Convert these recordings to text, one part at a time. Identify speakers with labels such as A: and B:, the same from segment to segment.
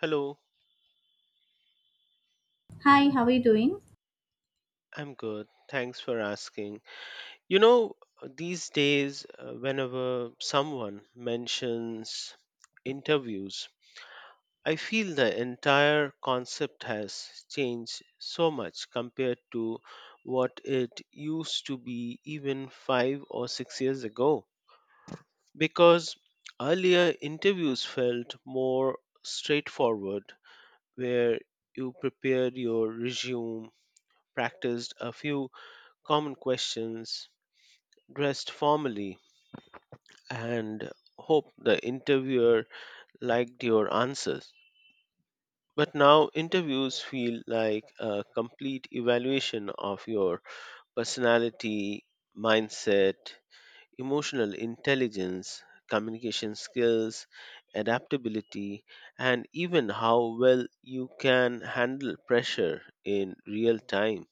A: Hello,
B: Hi, how are you doing?
A: I'm good. Thanks for asking. You know, these days, whenever someone mentions interviews, I feel the entire concept has changed so much compared to what it used to be even 5 or 6 years ago. Because earlier, interviews felt more straightforward, where you prepared your resume, practiced a few common questions, dressed formally, and hoped the interviewer liked your answers. But now interviews feel like a complete evaluation of your personality, mindset, emotional intelligence, communication skills, adaptability, and even how well you can handle pressure in real time.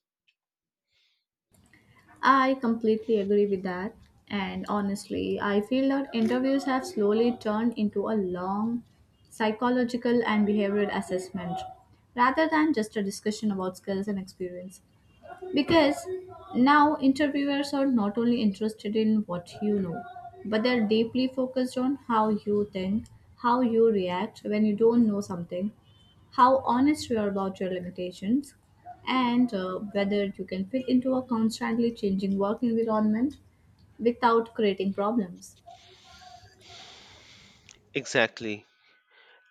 B: I completely agree with that. And honestly, I feel that interviews have slowly turned into a long psychological and behavioral assessment rather than just a discussion about skills and experience. Because now interviewers are not only interested in what you know, but they're deeply focused on how you think, how you react when you don't know something, how honest you are about your limitations, and whether you can fit into a constantly changing work environment without creating problems.
A: Exactly.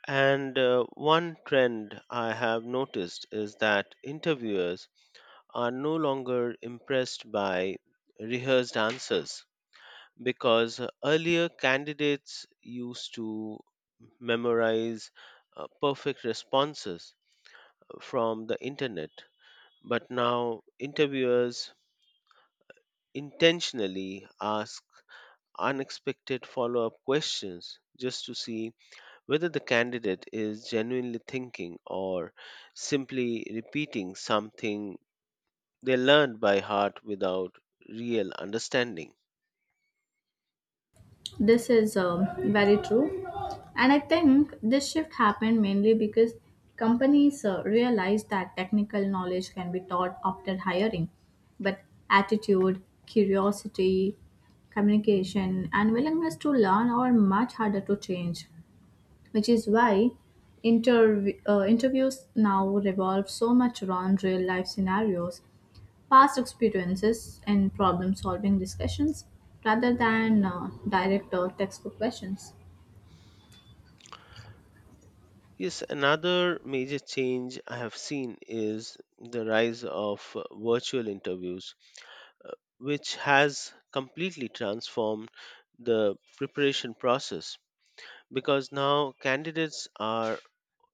A: And one trend I have noticed is that interviewers are no longer impressed by rehearsed answers, because earlier candidates used to memorize perfect responses from the internet. But now interviewers intentionally ask unexpected follow up questions just to see whether the candidate is genuinely thinking or simply repeating something they learned by heart without real understanding.
B: This is very true. And I think this shift happened mainly because companies realized that technical knowledge can be taught after hiring, but attitude, curiosity, communication, and willingness to learn are much harder to change, which is why interviews now revolve so much around real life scenarios, past experiences, and problem solving discussions rather than direct or textbook questions.
A: Yes, another major change I have seen is the rise of virtual interviews, uh, which has completely transformed the preparation process, because now candidates are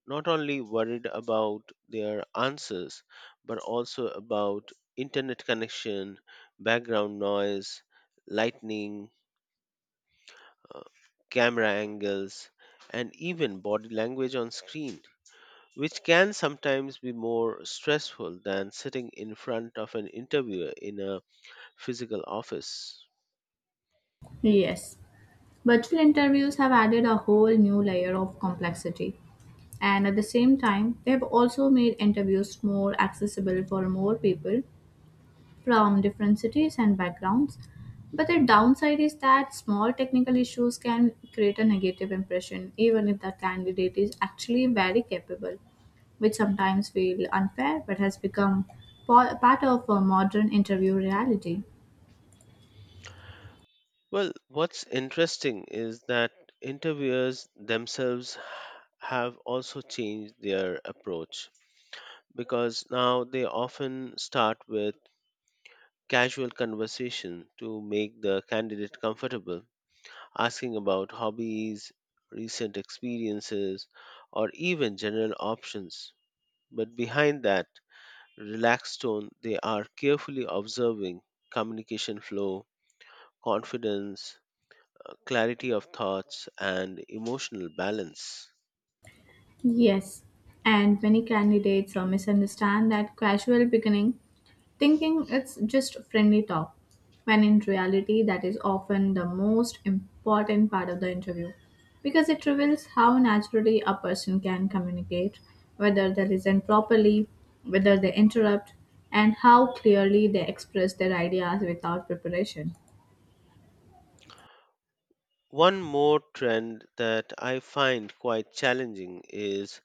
A: not only worried about their answers, but also about internet connection, background noise, lightning, uh, camera angles, and even body language on screen, which can sometimes be more stressful than sitting in front of an interviewer in a physical office.
B: Yes, virtual interviews have added a whole new layer of complexity. And at the same time, they have also made interviews more accessible for more people from different cities and backgrounds. But the downside is that small technical issues can create a negative impression, even if the candidate is actually very capable, which sometimes feel unfair but has become part of a modern interview reality.
A: Well, what's interesting is that interviewers themselves have also changed their approach, because now they often start with casual conversation to make the candidate comfortable, asking about hobbies, recent experiences, or even general options. But behind that relaxed tone, they are carefully observing communication flow, confidence, clarity of thoughts, and emotional balance.
B: Yes, and many candidates misunderstand that casual beginning, thinking it's just friendly talk, when in reality, that is often the most important part of the interview because it reveals how naturally a person can communicate, whether they listen properly, whether they interrupt, and how clearly they express their ideas without preparation.
A: One more trend that I find quite challenging is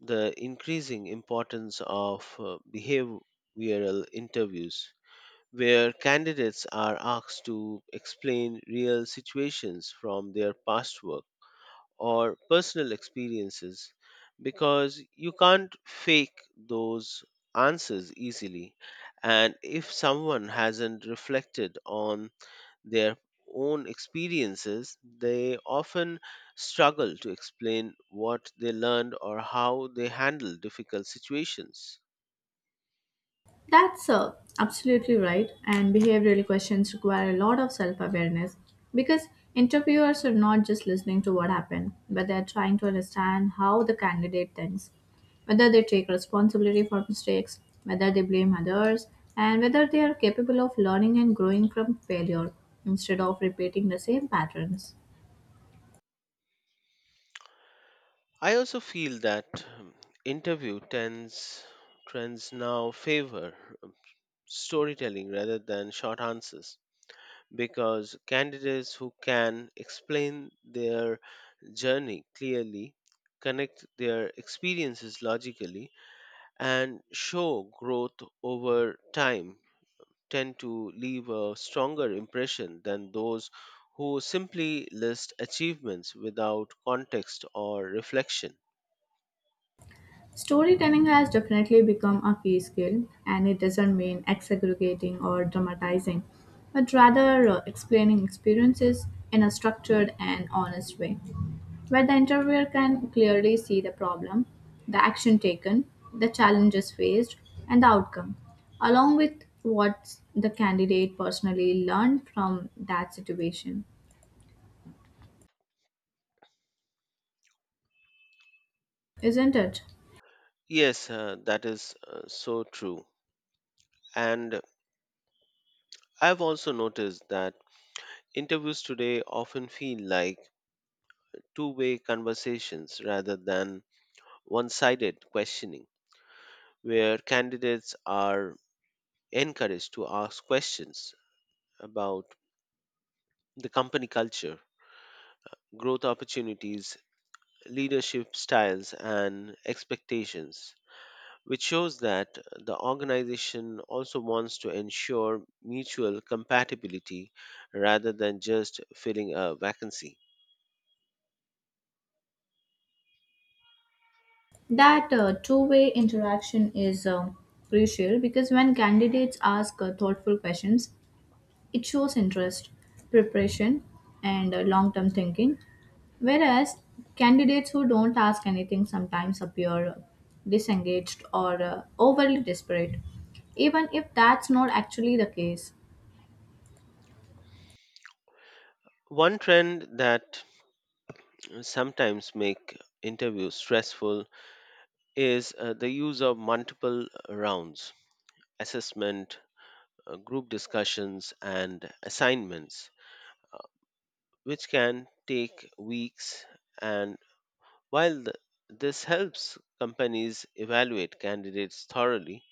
A: the increasing importance of behavioral interviews, where candidates are asked to explain real situations from their past work or personal experiences, because you can't fake those answers easily. And if someone hasn't reflected on their own experiences, they often struggle to explain what they learned or how they handle difficult situations.
B: That's absolutely right, and behavioral questions require a lot of self awareness because interviewers are not just listening to what happened, but they're trying to understand how the candidate thinks, whether they take responsibility for mistakes, whether they blame others, and whether they are capable of learning and growing from failure instead of repeating the same patterns.
A: I also feel that um, interview tends trends now favor um, storytelling rather than short answers, because candidates who can explain their journey clearly, connect their experiences logically, and show growth over time tend to leave a stronger impression than those who simply list achievements without context or reflection.
B: Storytelling has definitely become a key skill, and it doesn't mean exaggerating or dramatizing, but rather explaining experiences in a structured and honest way, where the interviewer can clearly see the problem, the action taken, the challenges faced, and the outcome, along with what the candidate personally learned from that situation. Isn't it?
A: Yes, that is so true. And I've also noticed that interviews today often feel like two-way conversations rather than one sided questioning, where candidates are encouraged to ask questions about the company culture, growth opportunities, leadership styles, and expectations, which shows that the organization also wants to ensure mutual compatibility rather than just filling a vacancy.
B: That two-way interaction is crucial because when candidates ask thoughtful questions, it shows interest, preparation, and long term thinking. Whereas candidates who don't ask anything sometimes appear disengaged or overly desperate, even if that's not actually the case.
A: One trend that sometimes make interviews stressful is the use of multiple rounds, assessment, group discussions, and assignments, which can take weeks. And While th- this helps companies evaluate candidates thoroughly,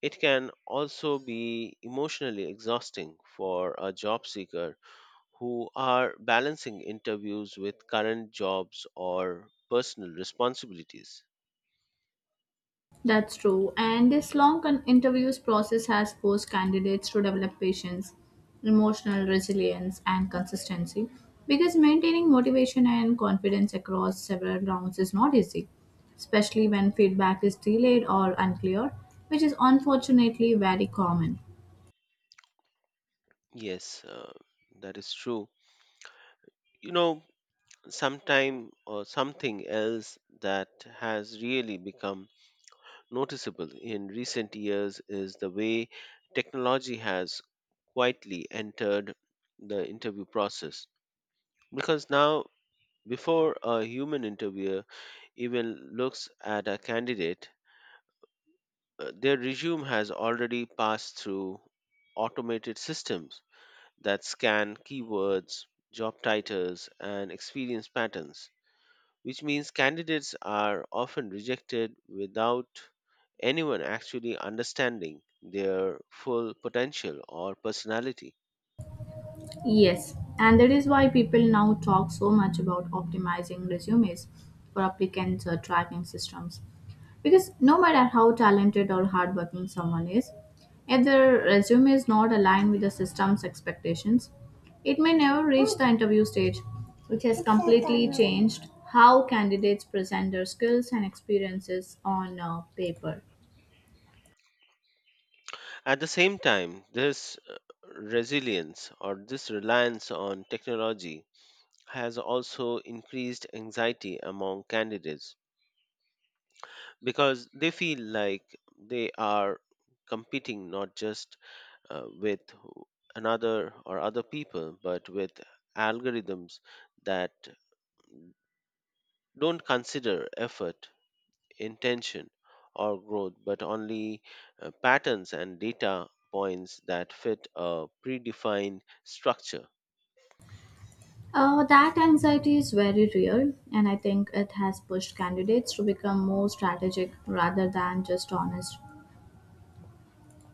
A: it can also be emotionally exhausting for a job seeker who are balancing interviews with current jobs or personal responsibilities.
B: That's true, and this interviews process has forced candidates to develop patience, emotional resilience, and consistency because maintaining motivation and confidence across several rounds is not easy, especially when feedback is delayed or unclear, which is unfortunately very common.
A: Yes, that is true. You know, sometime or something else that has really become noticeable in recent years is the way technology has quietly entered the interview process. Because now, before a human interviewer even looks at a candidate, their resume has already passed through automated systems that scan keywords, job titles, and experience patterns, which means candidates are often rejected without anyone actually understanding their full potential or personality.
B: Yes, and that is why people now talk so much about optimizing resumes for applicants or tracking systems. Because no matter how talented or hardworking someone is, if their resume is not aligned with the system's expectations, it may never reach the interview stage, which has completely changed how candidates present their skills and experiences on paper.
A: At the same time, this resilience, or this reliance on technology, has also increased anxiety among candidates, because they feel like they are competing not just with another or other people but with algorithms that don't consider effort, intention, or growth, but only patterns and data points that fit a predefined structure.
B: That anxiety is very real, and I think it has pushed candidates to become more strategic rather than just honest.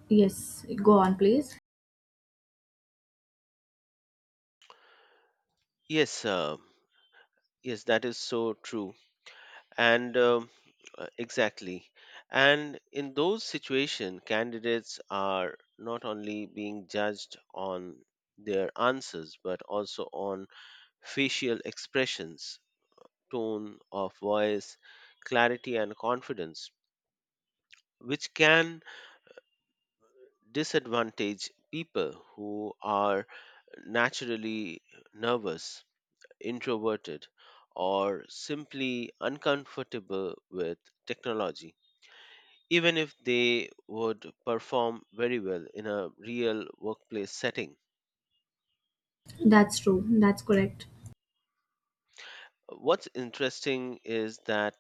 B: Yes, go on, please.
A: Yes, uh, yes, that is so true. And exactly. And in those situations, candidates are not only being judged on their answers, but also on facial expressions, tone of voice, clarity, and confidence, which can disadvantage people who are naturally nervous, introverted, or simply uncomfortable with technology, even if they would perform very well in a real workplace setting.
B: That's true. That's correct.
A: What's interesting is that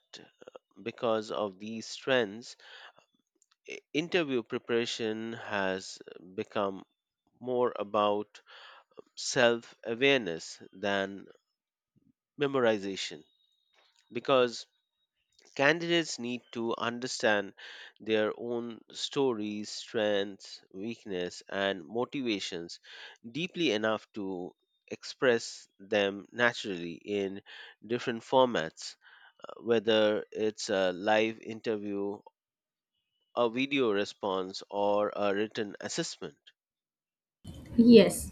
A: because of these trends, interview preparation has become more about self awareness than memorization, because candidates need to understand their own stories, strengths, weakness, and motivations deeply enough to express them naturally in different formats, whether it's a live interview, a video response, or a written assessment.
B: Yes.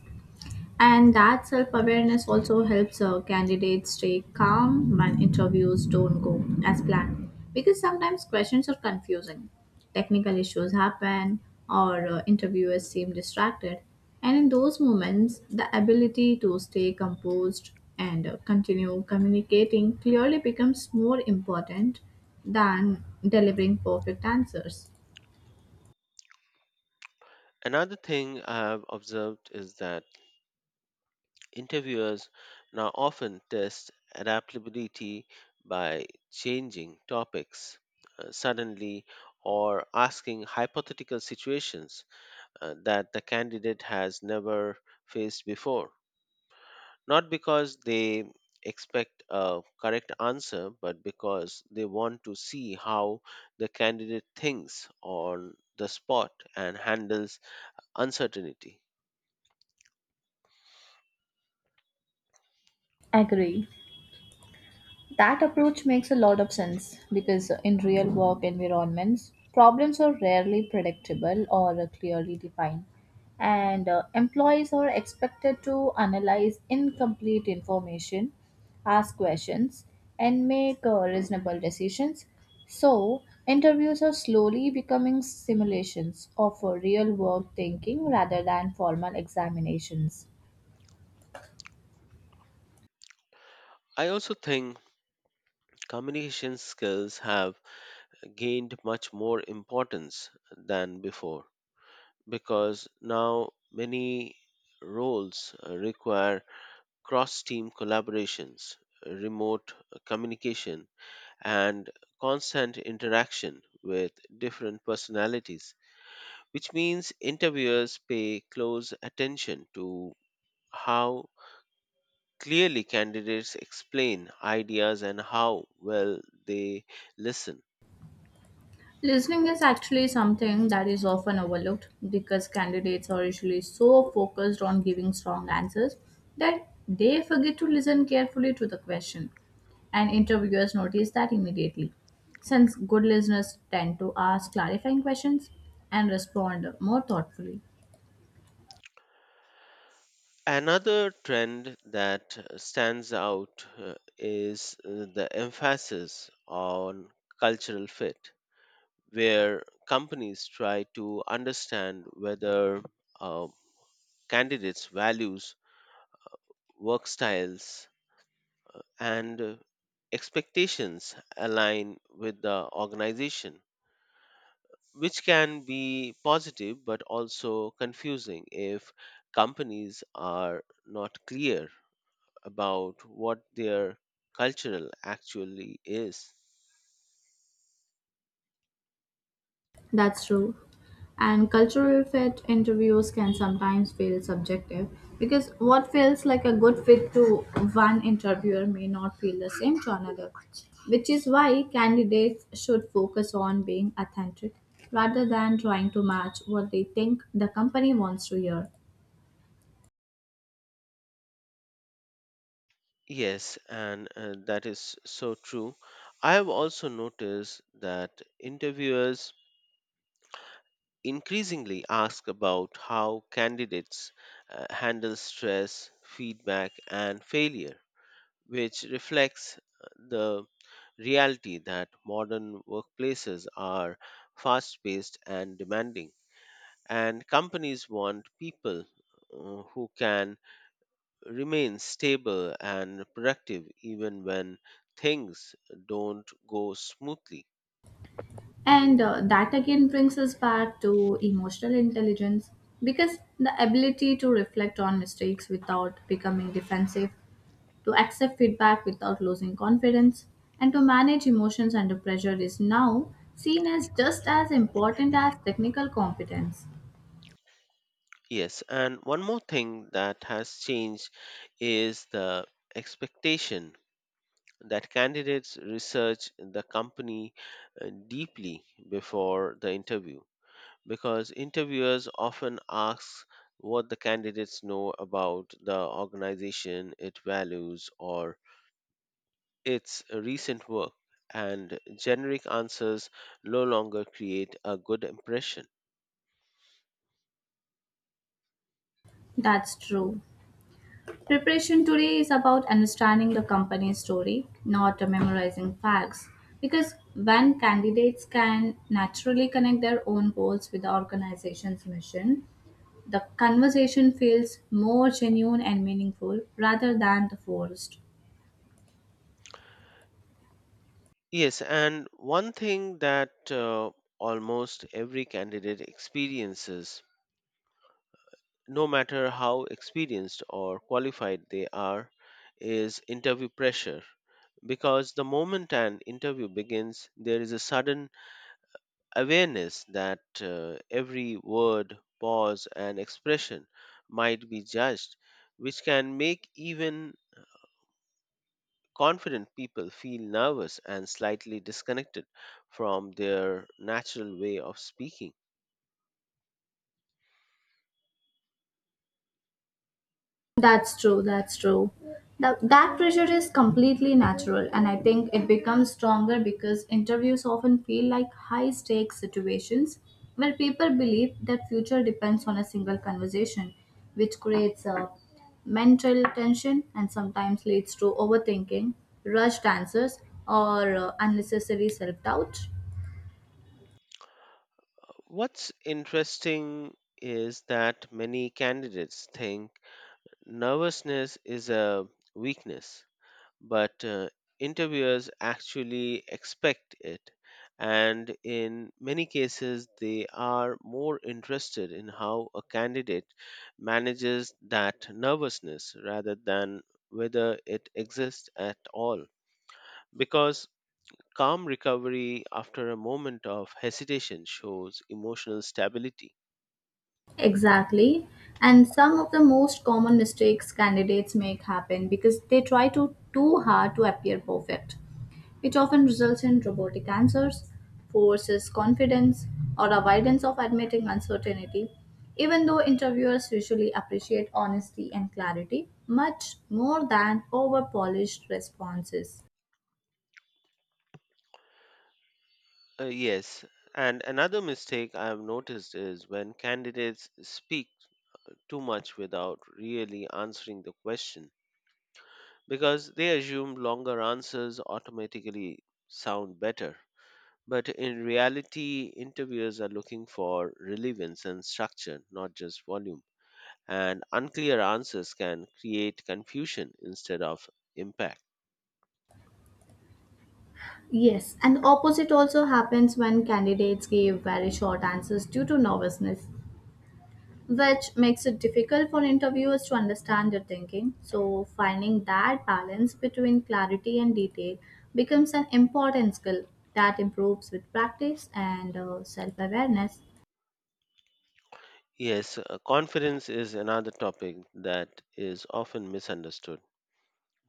B: And that self awareness also helps candidates stay calm when interviews don't go as planned. Because sometimes questions are confusing, technical issues happen, or interviewers seem distracted. And in those moments, the ability to stay composed and continue communicating clearly becomes more important than delivering perfect answers.
A: Another thing I've observed is that interviewers now often test adaptability by changing topics suddenly, or asking hypothetical situations that the candidate has never faced before. Not because they expect a correct answer, but because they want to see how the candidate thinks on the spot and handles uncertainty.
B: Agree. That approach makes a lot of sense because in real work environments, problems are rarely predictable or clearly defined, and employees are expected to analyze incomplete information, ask questions, and make reasonable decisions. So, interviews are slowly becoming simulations of real work thinking rather than formal examinations.
A: I also think communication skills have gained much more importance than before, because now many roles require cross team collaborations, remote communication, and constant interaction with different personalities, which means interviewers pay close attention to how clearly candidates explain ideas and how well they listen.
B: Listening is actually something that is often overlooked because candidates are usually so focused on giving strong answers that they forget to listen carefully to the question, and interviewers notice that immediately. Since good listeners tend to ask clarifying questions and respond more thoughtfully.
A: Another trend that stands out is the emphasis on cultural fit, where companies try to understand whether uh, candidates' values, work styles, and expectations align with the organization, which can be positive but also confusing if companies are not clear about what their cultural actually is.
B: That's true. And cultural fit interviews can sometimes feel subjective because what feels like a good fit to one interviewer may not feel the same to another, which is why candidates should focus on being authentic rather than trying to match what they think the company wants to hear.
A: Yes, and that is so true. I have also noticed that interviewers increasingly ask about how candidates handle stress, feedback, and failure, which reflects the reality that modern workplaces are fast paced and demanding, and companies want people who can remain stable and productive even when things don't go smoothly.
B: And that again brings us back to emotional intelligence because the ability to reflect on mistakes without becoming defensive, to accept feedback without losing confidence, and to manage emotions under pressure is now seen as just as important as technical competence.
A: Yes, and one more thing that has changed is the expectation that candidates research the company deeply before the interview, because interviewers often ask what the candidates know about the organization, its values, or its recent work, and generic answers no longer create a good impression.
B: That's true. Preparation today is about understanding the company's story, not memorizing facts. Because when candidates can naturally connect their own goals with the organization's mission, the conversation feels more genuine and meaningful rather than the forced.
A: Yes, and one thing that almost every candidate experiences, no matter how experienced or qualified they are, is interview pressure. Because the moment an interview begins, there is a sudden awareness that every word, pause, and expression might be judged, which can make even confident people feel nervous and slightly disconnected from their natural way of speaking.
B: That's true. That's true. That pressure is completely natural, and I think it becomes stronger because interviews often feel like high stakes situations where people believe that future depends on a single conversation, which creates a mental tension and sometimes leads to overthinking, rushed answers, or unnecessary self doubt.
A: What's interesting is that many candidates think nervousness is a weakness, but interviewers actually expect it. And in many cases, they are more interested in how a candidate manages that nervousness rather than whether it exists at all. Because calm recovery after a moment of hesitation shows emotional stability.
B: Exactly. And some of the most common mistakes candidates make happen because they try to too hard to appear perfect, which often results in robotic answers, forces confidence, or avoidance of admitting uncertainty. Even though interviewers usually appreciate honesty and clarity much more than over polished responses.
A: Yes. And another mistake I've noticed is when candidates speak too much without really answering the question, because they assume longer answers automatically sound better. But in reality, interviewers are looking for relevance and structure, not just volume. And unclear answers can create confusion instead of impact.
B: Yes, and opposite also happens when candidates give very short answers due to nervousness, which makes it difficult for interviewers to understand your thinking. So, finding that balance between clarity and detail becomes an important skill that improves with practice and self awareness.
A: Yes, confidence is another topic that is often misunderstood,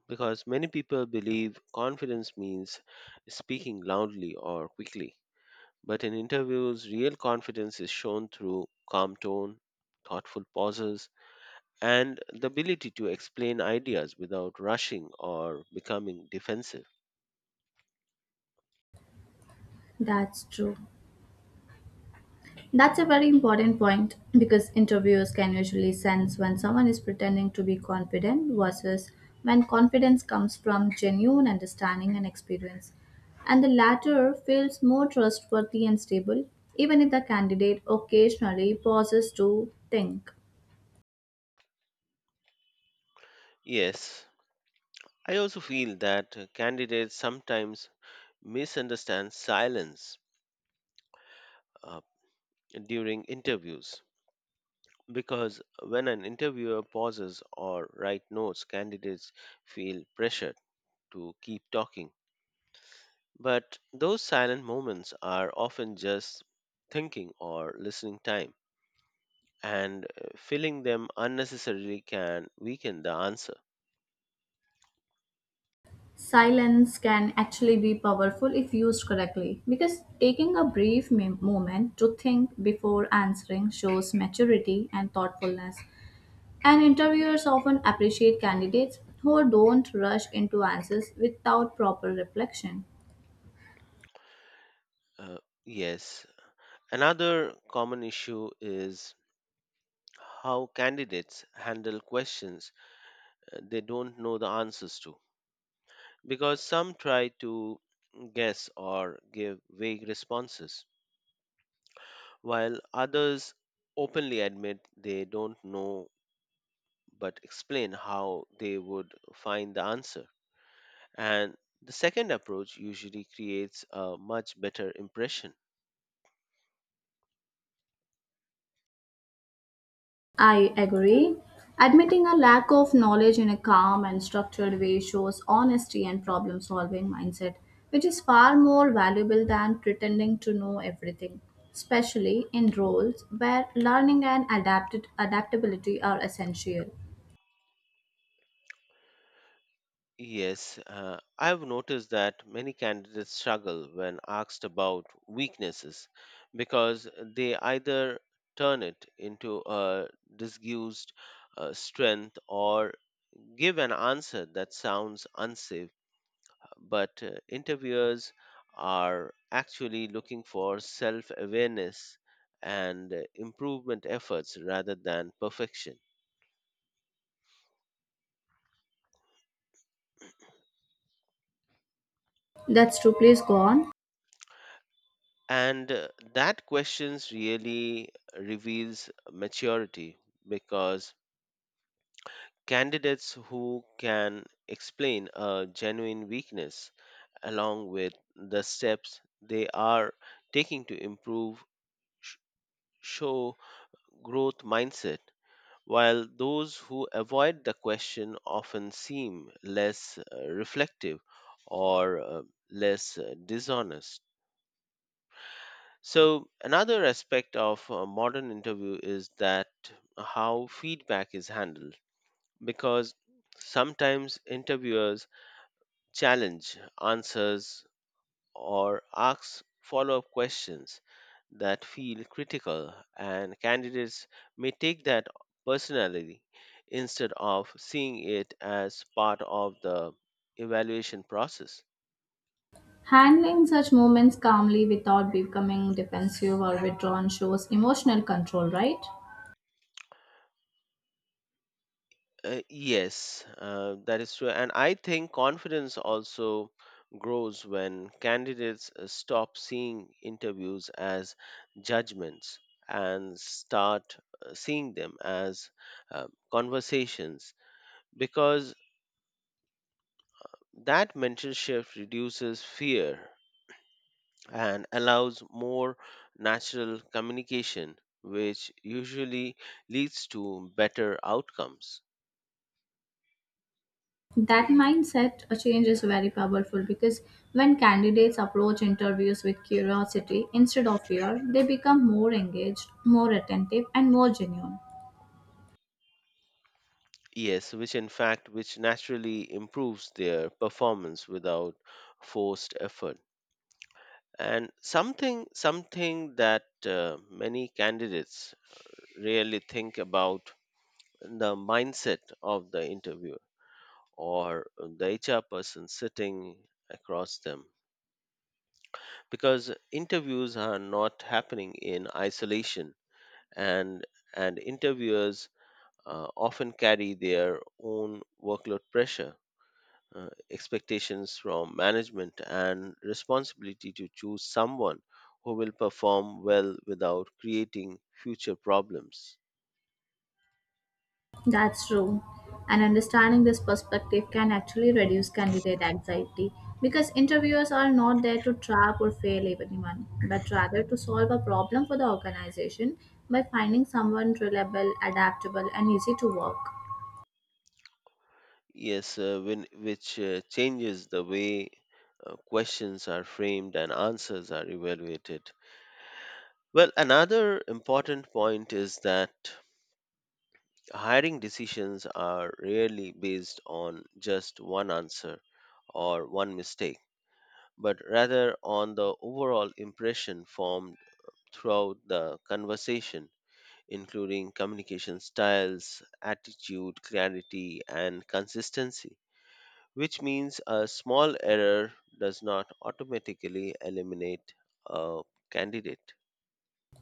A: because many people believe confidence means speaking loudly or quickly. But in interviews, real confidence is shown through calm tone, thoughtful pauses, and the ability to explain ideas without rushing or becoming defensive.
B: That's true. That's a very important point because interviewers can usually sense when someone is pretending to be confident versus when confidence comes from genuine understanding and experience. And the latter feels more trustworthy and stable, even if the candidate occasionally pauses to think.
A: Yes, I also feel that candidates sometimes misunderstand silence uh, during interviews, because when an interviewer pauses or writes notes, candidates feel pressured to keep talking. But those silent moments are often just thinking or listening time, and filling them unnecessarily can weaken the answer.
B: Silence can actually be powerful if used correctly because taking a brief moment to think before answering shows maturity and thoughtfulness. And interviewers often appreciate candidates who don't rush into answers without proper reflection.
A: Uh, yes, another common issue is how candidates handle questions they don't know the answers to, because some try to guess or give vague responses, while others openly admit they don't know but explain how they would find the answer, and the second approach usually creates a much better impression.
B: I agree. Admitting a lack of knowledge in a calm and structured way shows honesty and problem solving mindset, which is far more valuable than pretending to know everything, especially in roles where learning and adapted adaptability are essential.
A: Yes, I've noticed that many candidates struggle when asked about weaknesses, because they either turn it into a disguised strength or give an answer that sounds unsafe. But interviewers are actually looking for self awareness and improvement efforts rather than perfection.
B: That's true. Please go on.
A: And that questions really reveals maturity, because candidates who can explain a genuine weakness along with the steps they are taking to improve sh- show growth mindset, while those who avoid the question often seem less reflective or less dishonest. So, another aspect of a modern interview is that how feedback is handled, because sometimes interviewers challenge answers or ask follow up questions that feel critical, and candidates may take that personally instead of seeing it as part of the evaluation process.
B: Handling such moments calmly without becoming defensive or withdrawn shows emotional control, right?
A: Yes, that is true. And I think confidence also grows when candidates stop seeing interviews as judgments and start seeing them as conversations, because that mental shift reduces fear and allows more natural communication, which usually leads to better outcomes.
B: That mindset change is very powerful because when candidates approach interviews with curiosity instead of fear, they become more engaged, more attentive, and more genuine.
A: Yes, which in fact which naturally improves their performance without forced effort. And something that many candidates really think about the mindset of the interviewer or the HR person sitting across them, because interviews are not happening in isolation, and and interviewers often carry their own workload pressure, expectations from management, and responsibility to choose someone who will perform well without creating future problems.
B: That's true. And understanding this perspective can actually reduce candidate anxiety because interviewers are not there to trap or fail anyone, but rather to solve a problem for the organization by finding someone reliable, adaptable, and easy to work.
A: Yes, when, which changes the way questions are framed and answers are evaluated. Well, another important point is that hiring decisions are rarely based on just one answer or one mistake, but rather on the overall impression formed throughout the conversation, including communication styles, attitude, clarity, and consistency, which means a small error does not automatically eliminate a candidate.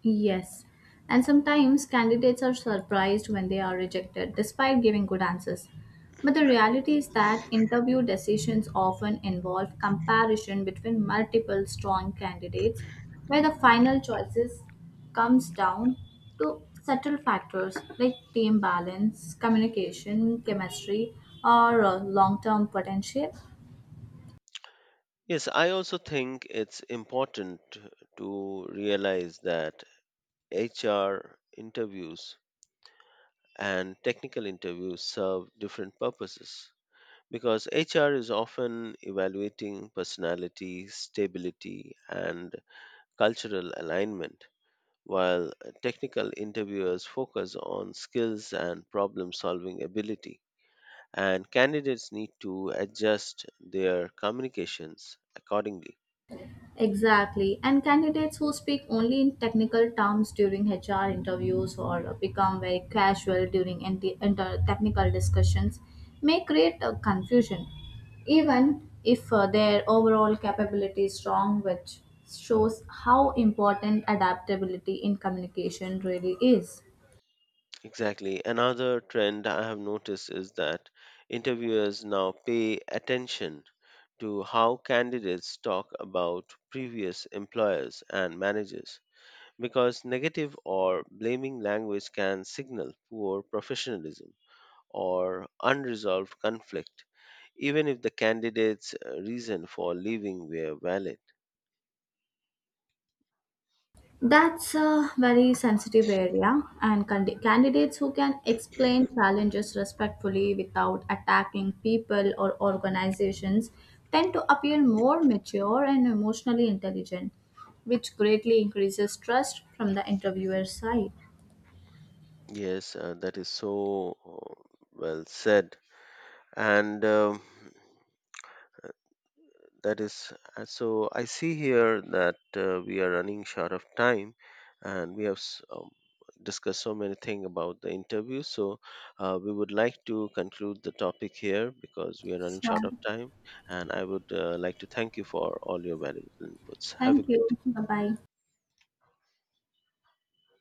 B: Yes. And sometimes candidates are surprised when they are rejected despite giving good answers. But the reality is that interview decisions often involve comparison between multiple strong candidates, where the final choices comes down to subtle factors like team balance, communication, chemistry, or long term potential.
A: Yes, I also think it's important to realize that HR interviews and technical interviews serve different purposes, because HR is often evaluating personality, stability, and cultural alignment, while technical interviewers focus on skills and problem solving ability. And candidates need to adjust their communications accordingly.
B: Exactly. And candidates who speak only in technical terms during HR interviews or become very casual during technical discussions may create a confusion, even if their overall capability is strong, which shows how important adaptability in communication really is.
A: Exactly. Another trend I have noticed is that interviewers now pay attention to how candidates talk about previous employers and managers, because negative or blaming language can signal poor professionalism or unresolved conflict, even if the candidate's reason for leaving were valid.
B: That's a very sensitive area, and candidates who can explain challenges respectfully without attacking people or organizations tend to appear more mature and emotionally intelligent, which greatly increases trust from the interviewer's side.
A: Yes, that is so well said. And that is so. I see here that we are running short of time, and we have discussed so many things about the interview. So we would like to conclude the topic here because we are running short
B: Sure.
A: of time. And I would like to thank you for all your valuable inputs. Have a
B: Thank you.
A: great
B: Bye bye.